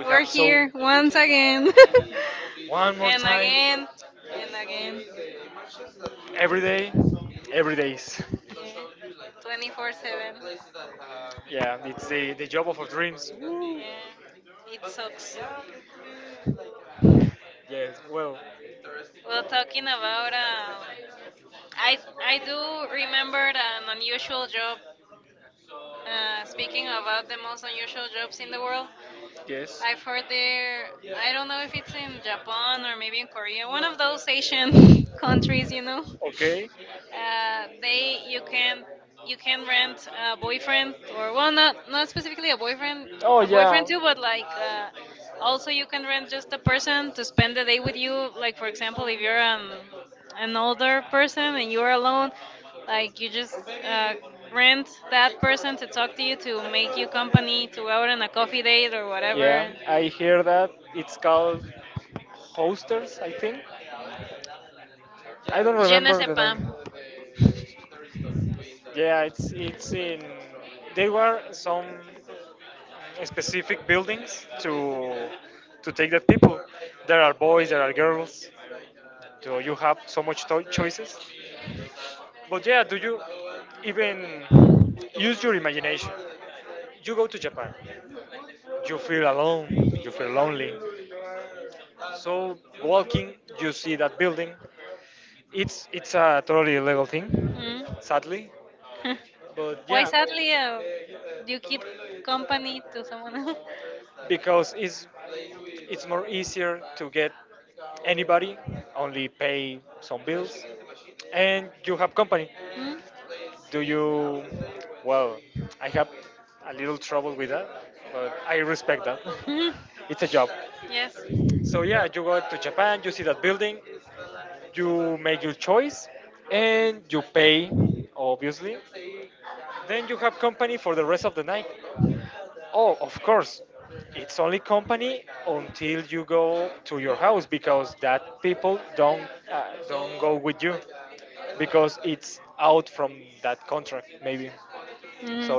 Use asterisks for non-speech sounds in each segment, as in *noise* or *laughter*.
We're here once again, *laughs* and again, and again. Yeah. 24/7. Yeah. It sucks. Well, talking about. I, I do remember an unusual job. Speaking about the most unusual jobs in the world, I've heard there, I don't know if it's in Japan or maybe in Korea, one of those Asian *laughs* countries. They you can rent a boyfriend, or well, not specifically a boyfriend too, but like also you can rent just a person to spend the day with you, like for example, if you're an older person and you're alone, like you just uh, rent that person to talk to you, to make you company, to go out on a coffee date or whatever. Je ne sais pas. Mm. *laughs* Why sadly do you keep company to someone else? Mm. Mhm. Yes. Mhm.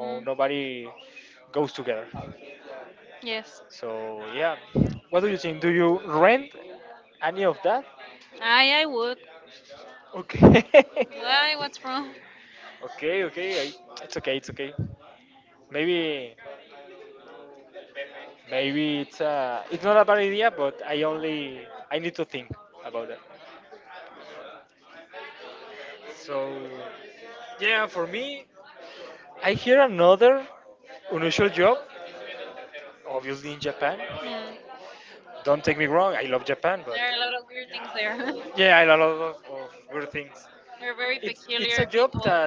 Mm. Yes. I would. Why? What's wrong? Mm. There are a lot of weird things there. *laughs* We're very peculiar people.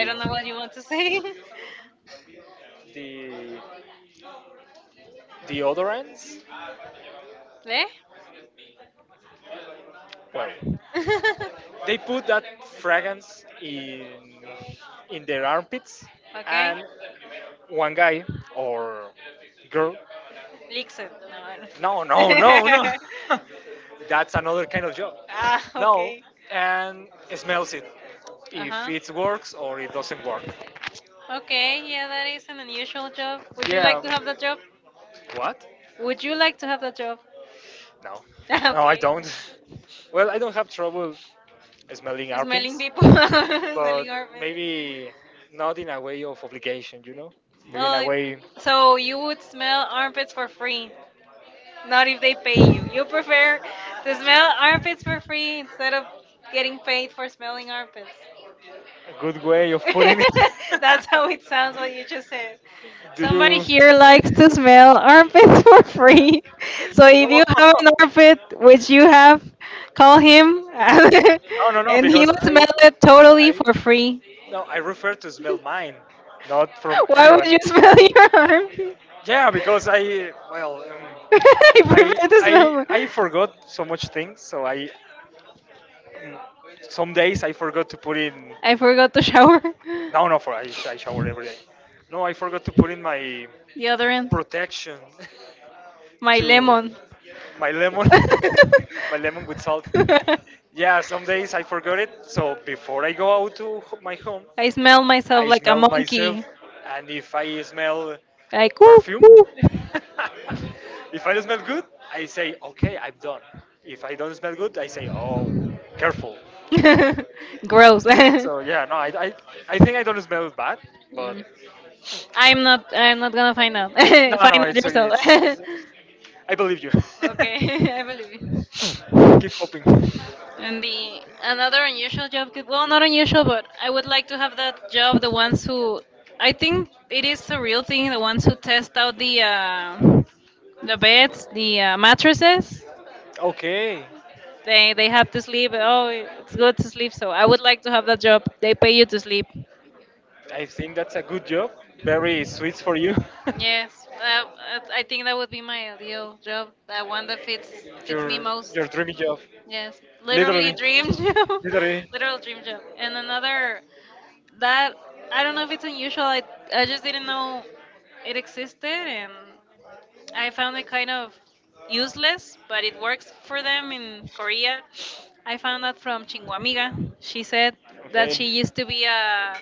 I don't know what you want to say. *laughs* Eh? *laughs* Okay. Lixit. No. I don't- *laughs* Ah, okay. Uh huh. Okay, yeah, that is an unusual job. Would you like to have that job? Would you like to have that job? *laughs* Okay. Smelling people, *laughs* smelling armpits. Well, so you would smell armpits for free, not if they pay you. You prefer to smell armpits for free instead of getting paid for smelling armpits. *laughs* That's how it sounds what you just said. Somebody here likes to smell armpits *laughs* for free. So if you have an armpit, which you have, call him *laughs* and he will smell it totally for free. *laughs* Why would you smell your armpit? *laughs* I prefer to smell my- I forgot to shower. *laughs* Deodorant. My lemon. *laughs* I smell myself like a monkey. Like, woo, woo. *laughs* Gross. *laughs* Mm. I'm not. I'm not gonna find out. *laughs* Find out yourself. *laughs* Okay, *laughs* I believe you. And the another unusual job, well, not unusual, but I would like to have that job. The ones who, I think it is a real thing. The ones who test out the beds, the mattresses. They have to sleep. Oh, it's good to sleep. So I would like to have that job. They pay you to sleep. Yes, I think that would be my ideal job. That one that fits me most. Yes, literally dream job, *laughs* literal dream job. And another that I don't know if it's unusual. I just didn't know it existed, and I found it kind of useless, but it works for them in Korea. I found that from Chinguamiga. She said that she used to be a,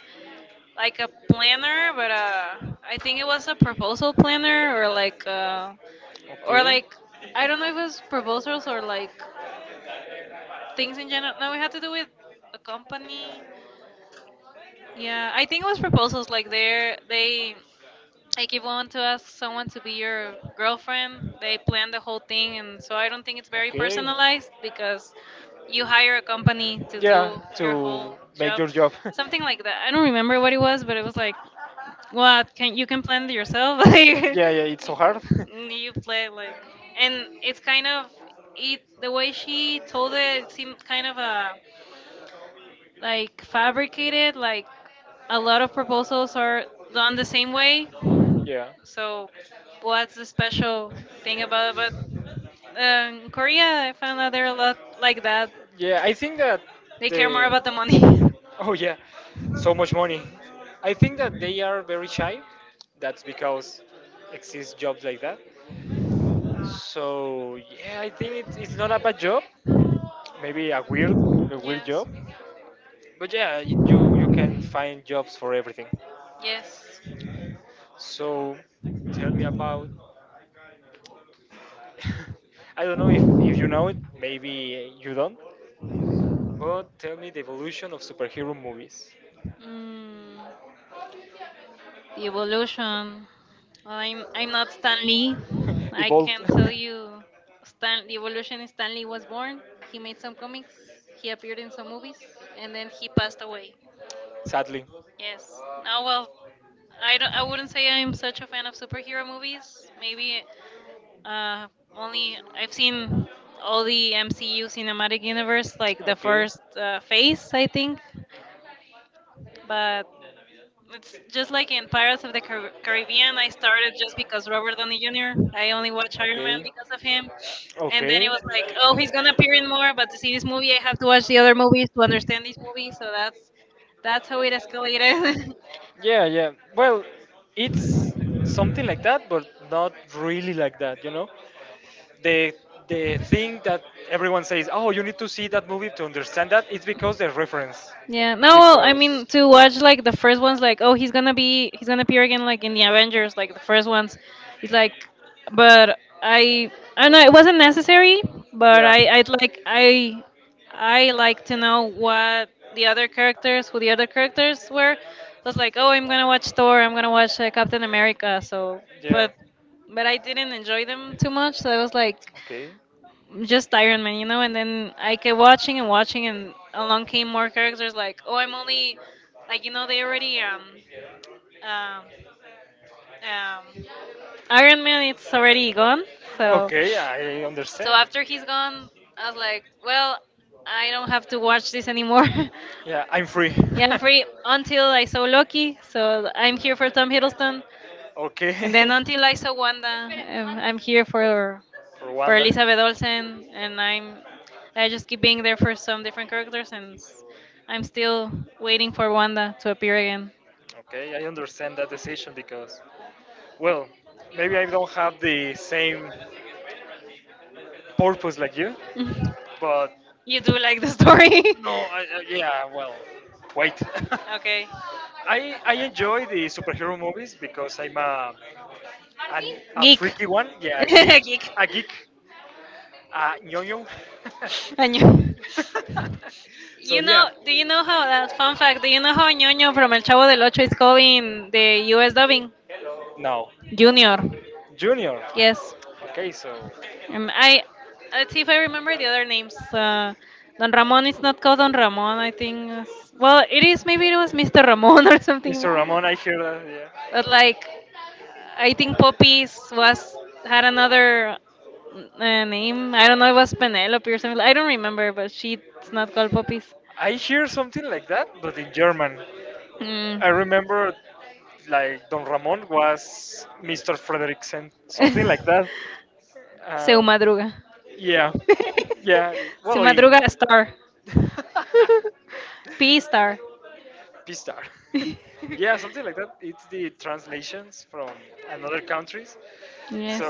like, a planner, but I think it was a proposal planner, or like I don't know if it was proposals or like things in general. No, we had to do with a company. Yeah, I think it was proposals. Like they like, if you want to ask someone to be your girlfriend, they plan the whole thing, and so I don't think it's very personalized because you hire a company to do your whole job. Something like that. I don't remember what it was, but it was like, what can you can plan it yourself? *laughs* Like you play like, and it's kind of it. The way she told it, it seemed kind of a, like, fabricated, like a lot of proposals are done the same way. So what's the special thing about Korea. I found out they're a lot like that. They care more about the money. *laughs* Yes, yes. Mm. The evolution. Well, I'm not Stanley. I can not tell you, Stan. The evolution is Stanley was born. He made some comics. He appeared in some movies, and then he passed away. Yes. Now, well, I don't. I wouldn't say I'm such a fan of superhero movies. Maybe, uh, only I've seen all the MCU cinematic universe, like the first phase, I think. But it's just like in Pirates of the Caribbean. I started just because Robert Downey Jr. I only watch Iron Man because of him, and then it was like, oh, he's gonna appear in more. But to see this movie, I have to watch the other movies to understand this movie. So that's how it escalated. *laughs* Yeah. No, well, I mean to watch like the first ones, like, oh, he's gonna appear again, like in the Avengers, like the first ones. It's like, but I don't know, it wasn't necessary, but I like to know what the other characters, who the other characters were. So it's like, oh, I'm gonna watch Thor, I'm gonna watch Captain America. So, but, but I didn't enjoy them too much. So I was like just Iron Man, and then I kept watching and watching, and along came more characters like, oh, I'm only, like, they already, um, um, Iron Man, it's already gone. So, so, after he's gone, I was like, well, I don't have to watch this anymore. *laughs* Yeah, I'm free until I saw Loki, so I'm here for Tom Hiddleston. And then until I saw Wanda, I'm here for Elizabeth Olsen, and I just keep being there for some different characters, and I'm still waiting for Wanda to appear again. *laughs* You do like the story? *laughs* Okay. Geek. *laughs* Geek. *laughs* I knew. Do you know how that fun fact? Do you know how Ñoño from El Chavo del Ocho is calling the U.S. dubbing Junior? Yes, I let's see if I remember the other names. Don Ramon is not called Don Ramon, I think. Well, it is. Maybe it was Mr. Ramon or something. But like, I think Poppy's was had another name. I don't know. It was Penelope or something. I don't remember, but she's not called Poppy's. Mm. *laughs* Seu Madruga. *laughs* Seu Madruga Star. *laughs* P Star. *laughs* Yes.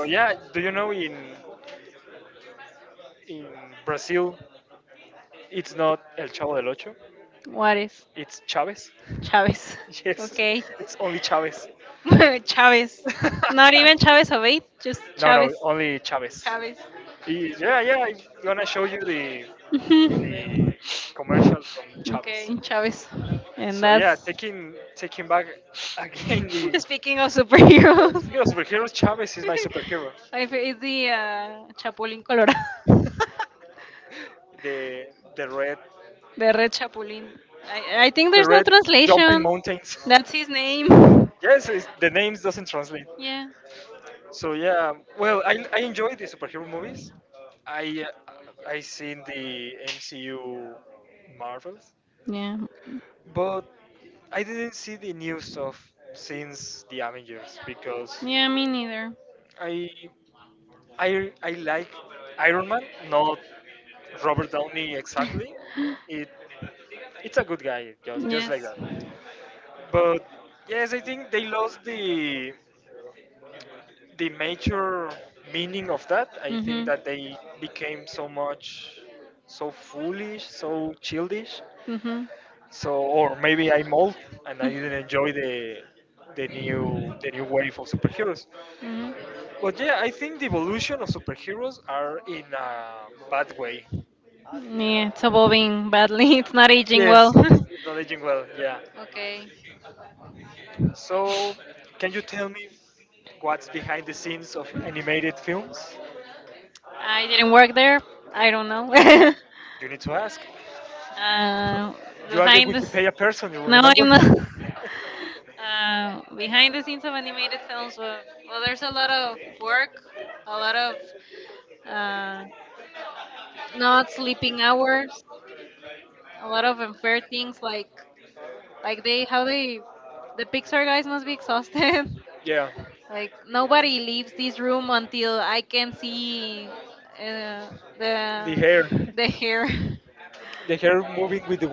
What is Chávez? Okay. *laughs* Chávez. Not even Chávez Obeid, just Chávez. Chávez. Mhm. *laughs* Okay, Chávez. And that's *laughs* speaking of superheroes, *laughs* I favorite is the Chapulín Colorado, *laughs* the Red Chapulín. I think there's no translation. That's his name. *laughs* Yeah. Yeah. Yeah, me neither. *laughs* Yes. Mhm. Mhm. Mhm. Yeah, it's evolving badly. *laughs* It's not aging well. *laughs* Okay. I didn't work there. I don't know. *laughs* uh, Behind this, no, I'm not. *laughs* Behind the scenes of animated films, well, there's a lot of work, a lot of. uh. Not sleeping hours, a lot of unfair things, like they how they the Pixar guys must be exhausted. *laughs* Like nobody leaves this room until I can see uh, the the hair.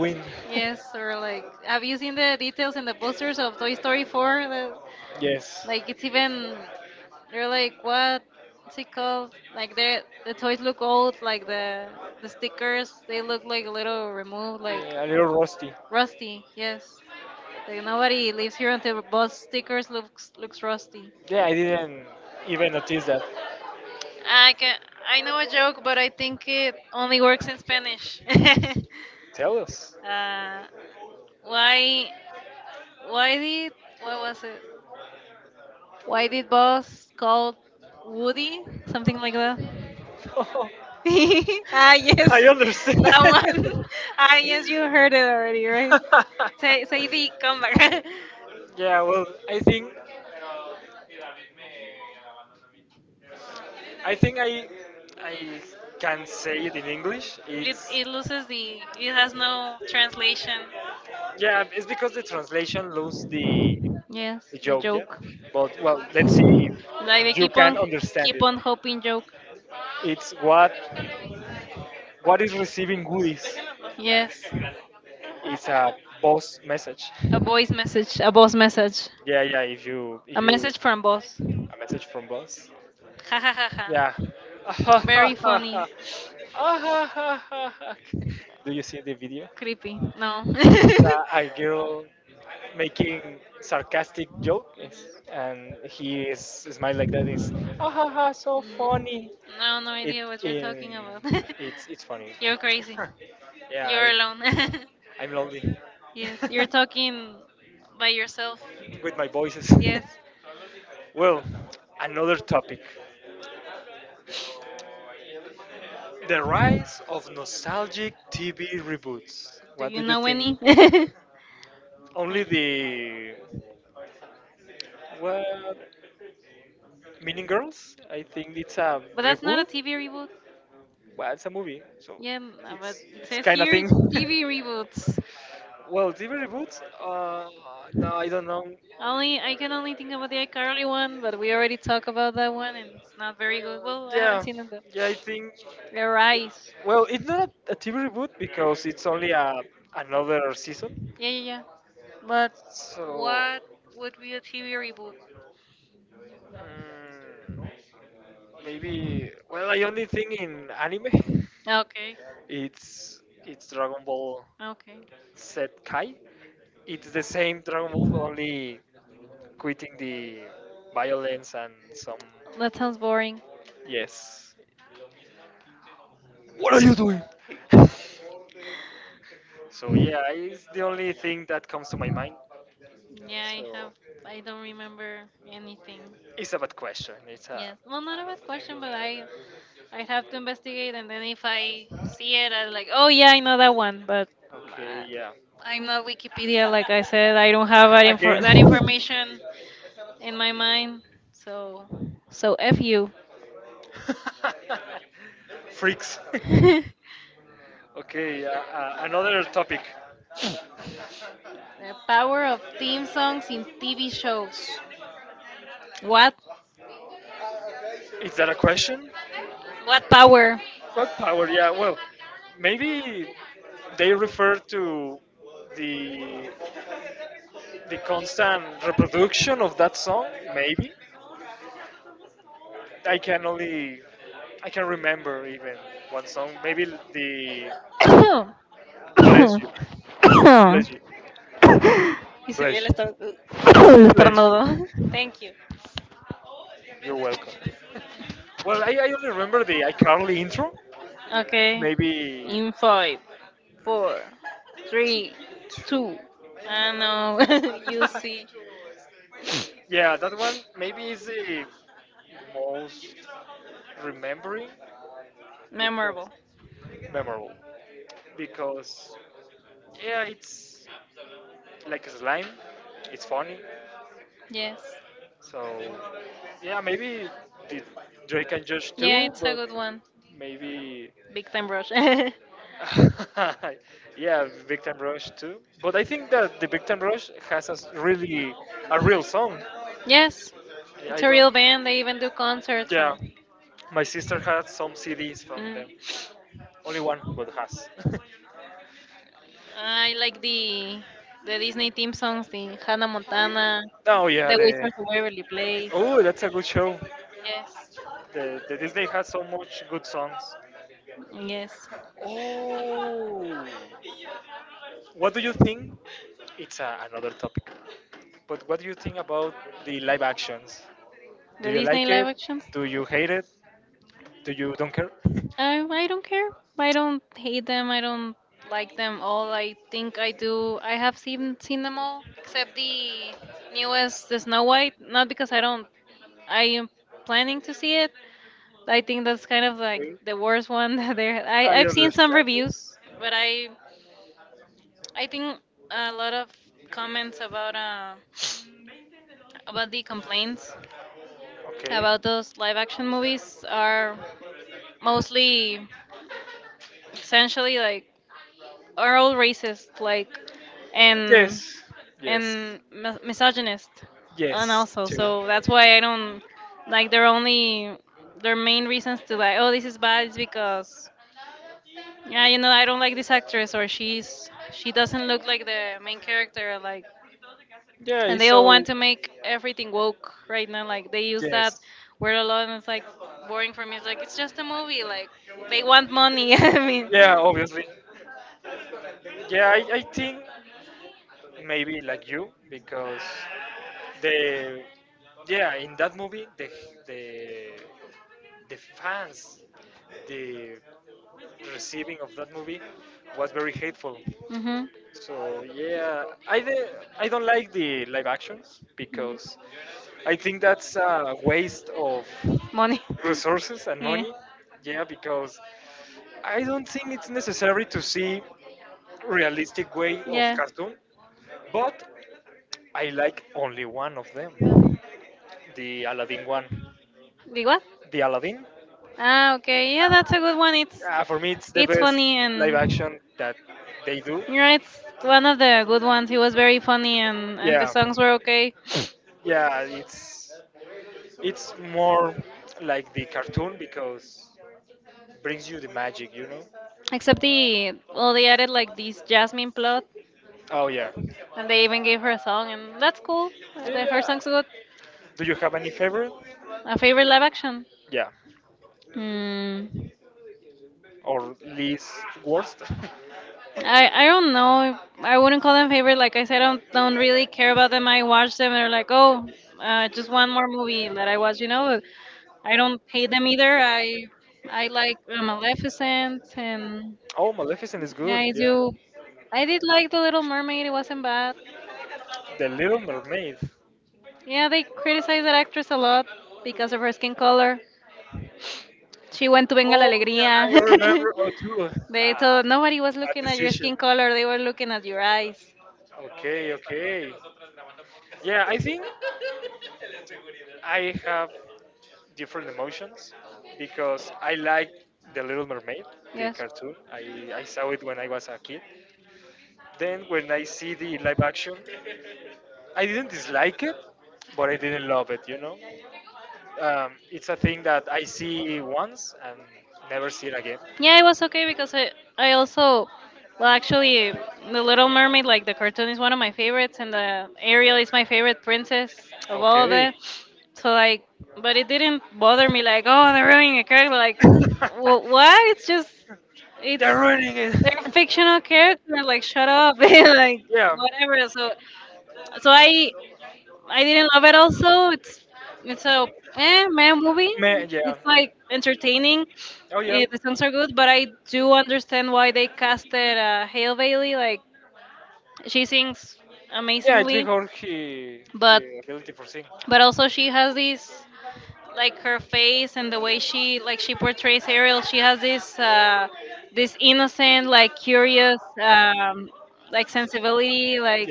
*laughs* Yes, or like, have you seen the details in the posters of Toy Story 4? The, like it's even, you're like, what's it called? Like the toys look old, like the stickers, they look like a little removed, like Rusty, yes. Like nobody lives here until the bus stickers looks looks rusty. I can I know a joke, but I think it only works in Spanish. *laughs* uh, why why did what was it? Why did boss call Woody something like that? *laughs* Ah, yes, that one. *laughs* Ah, yes, you heard it already, right? Say the comeback. *laughs* It loses the it has no translation. Yes, the joke. Like they keep on hoping joke. Yes. A voice message, a boss message. A message from boss. Ha ha ha ha. Very funny. Creepy. No. *laughs* Mhm. No, no idea what you're talking about. *laughs* You're crazy. You're alone. *laughs* Yes, you're talking by yourself. Yes. Do you know any? *laughs* But that's not a TV reboot. Yeah, but it says here TV reboots. Only I can only think about the iCarly one, but we already talked about that one, and it's not very good. Well, I haven't seen it though. The Rise. Yeah, yeah, yeah. But what would be a TV reboot? Okay, okay. That sounds boring. Yeah, I have. I don't remember anything. Yes. Well, not a bad question, but I'd have to investigate, and then if I see it, I'm like, oh, yeah, I know that one, but uh, I'm not Wikipedia, like I said. I don't have that that information in my mind. So, so, f you. *laughs* The power of theme songs in TV shows. What? What power? *coughs* *coughs* Y se *coughs* El estornudo. Thank you. Okay. In five, four, three, two. I know. *laughs* You see. Memorable. Yes. Yeah, it's a good one. Big Time Rush. *laughs* Yes. It's a real band. They even do concerts. And... Mm. I like the Disney theme songs, the Hannah Montana, The Wizards of Waverly Place. Yes. Yes. The Disney live actions. I don't care. I don't hate them. I don't like them all. I think I do. I have seen them all except the newest, the Snow White. Not because I don't. I am planning to see it. I think that's kind of like the worst one *laughs* that there. I've seen some reviews, but I think a lot of comments about about the complaints about those live action movies are mostly essentially like are all racist like and and misogynist and also so that's why I don't like their only their main reasons to like, oh, this is bad is because, yeah, I don't like this actress, or she doesn't look like the main character, like, and they all want to make everything woke right now. Like, they use that word a lot, and it's like boring for me. It's like it's just a movie. Like, they want money. *laughs* I mean, hmm money. *laughs* Yeah, yeah. The what? Ah, okay. Yeah, that's a good one. It's funny, and yeah, it's one of the good ones. It was very funny, and the songs were okay, except the, well, they added like this Jasmine plot. And they even gave her a song, and that's cool. Her song's good. A favorite live action? Hmm. I don't know. I wouldn't call them favorite. Like I said, I don't really care about them. I watch them, and they're like, oh, just one more movie that I watch. You know, I don't hate them either. I like Maleficent, and yeah, I do. I did like The Little Mermaid. It wasn't bad. Yeah, they criticize that actress a lot because of her skin color. She went to Venga la Alegría. *laughs* They told nobody was looking at your skin color, they were looking at your eyes. Yes. Yeah, it was okay because I also, well, actually, The Little Mermaid, like the cartoon, is one of my favorites, and the Ariel is my favorite princess of all of it. So, like, but it didn't bother me, like, oh, they're ruining a character. Like, what? It's just, it's, they're fictional characters. Like, shut up. *laughs* Like, whatever. So, so I didn't love it also. It's a, eh, man movie. It's like entertaining. Eh, the songs are good, but I do understand why they casted Hale Bailey. Like, she sings amazingly, but but also she has these like her face and the way she like she portrays Ariel. She has this this innocent, like, curious like sensibility, like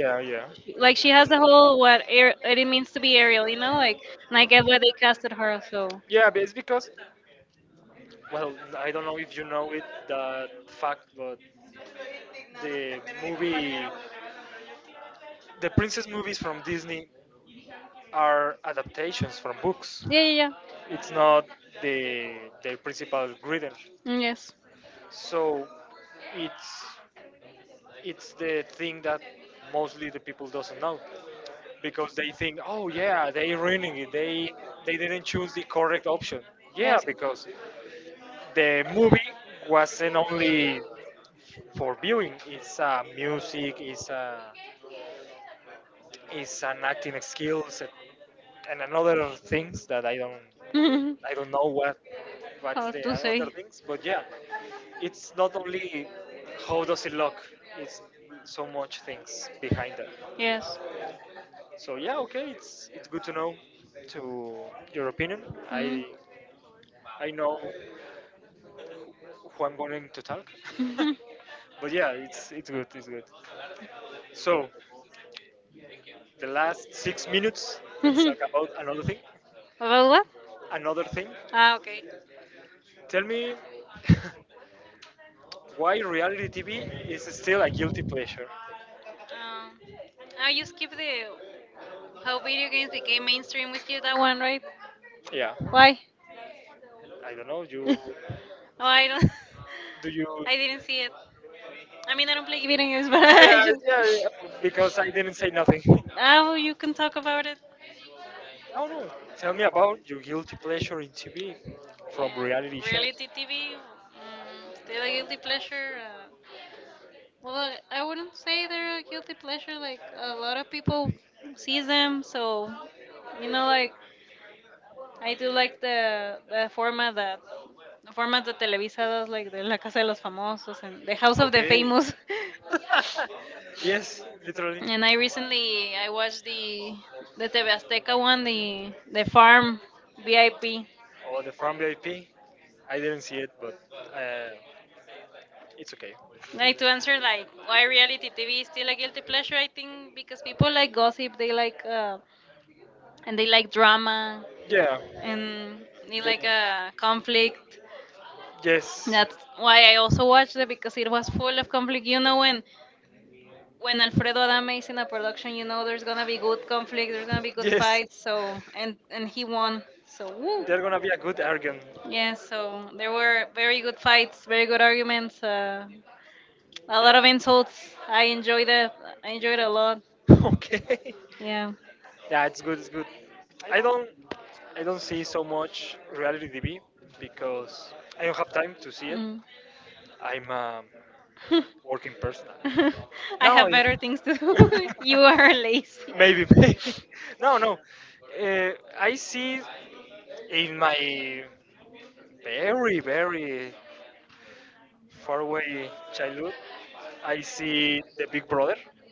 Like she has the whole what air, what it means to be Ariel, you know, like, and I get why they casted her. So yeah, yeah, yeah. Mm, yes, yes. *laughs* Hard to say. Yes. Mhm. *laughs* About what? Ah, okay. Um, I just skip the How video games became mainstream with you, that one, right? Why? Oh, I don't. *laughs* I didn't see it. I mean, I don't play video games, *laughs* but I just. Oh, you can talk about it. Yeah, reality TV. Mm, they're a guilty pleasure. Well, I wouldn't say they're a guilty pleasure. Like, a lot of people sees them, so, you know, like, I do like the format that the format that Televisa does, like the La Casa de los Famosos and the House of the Famous. *laughs* And I recently I watched the TV Azteca one, the Farm VIP. Like, to answer like why reality TV is still a guilty pleasure, I think because people like gossip, they like and they like drama and they like a conflict. That's why I also watched it because it was full of conflict. You know when Alfredo Adame is in a production, you know there's gonna be good conflict, there's gonna be good fights. So and he won. So woo. Yeah. So there were very good fights, very good arguments, a lot of insults. I enjoyed it. I enjoyed it a lot. Yeah. Mm. *laughs* *laughs* I have better things to do. *laughs* You are lazy.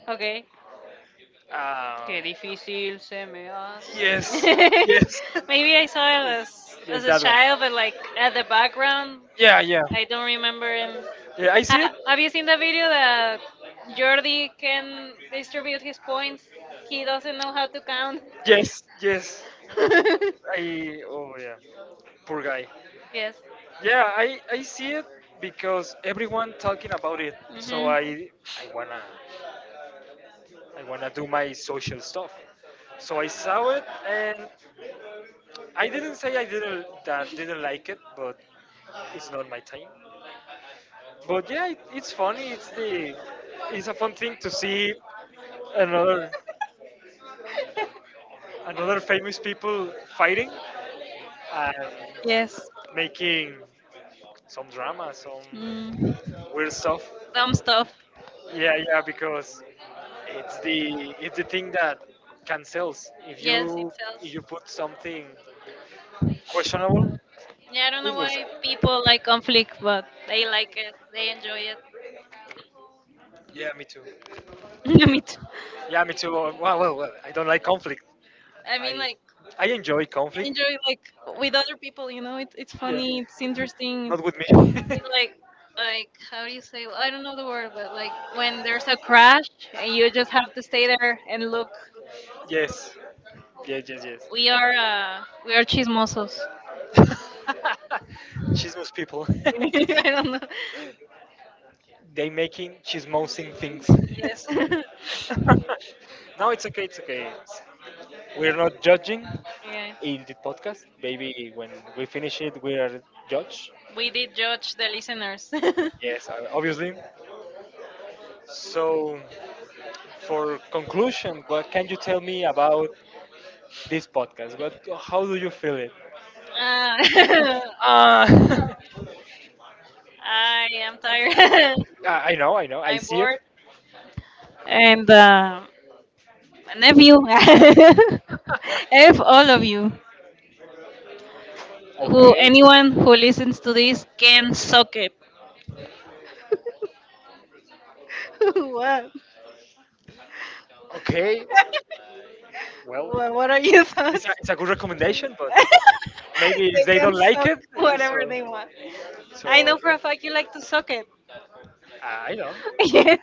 Okay. Qué difícil se me hace. *laughs* Maybe I saw it as a child, but like at the background, I don't remember him. Have you seen the video that Jordi can distribute his points? He doesn't know how to count. *laughs* Yes. Hmm. Yes. Mm. Dumb stuff. Yes, it sells. Yeah, I don't know why people like conflict, but they like it. They enjoy it. *laughs* Me too. I mean, like, I enjoy like with other people. You know, it's funny. It's interesting. It's like how do you say? Well, I don't know the word, but like when there's a crash and you just have to stay there and look. We are chismosos. *laughs* I don't know. Yes. *laughs* Yeah. We did judge the listeners. *laughs* *laughs* Uh, *laughs* I am tired. *laughs* I'm bored. And uh, and *laughs* if all of you, who anyone who listens to this can suck it. *laughs* What? What are your thoughts? *laughs* They can suck whatever they want. I know for a fact you like to suck it. *laughs* Yes.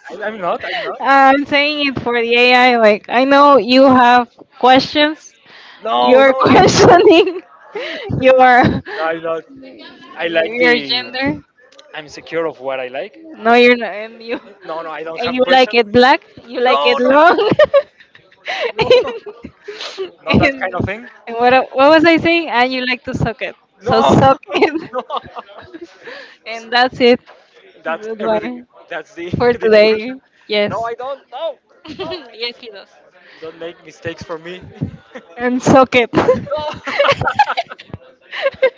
I'm saying it for the AI. Like, I know you have questions. no, no, You're *laughs* no, questioning your your gender. No, you're not. And you like it black. You like no, it long. *laughs* no, and, and and what was I saying? And you like to suck it. So no, suck it. *laughs* And that's it. Goodbye for today. Yes. *laughs* Yes, he does. And soak it. no. *laughs* *laughs*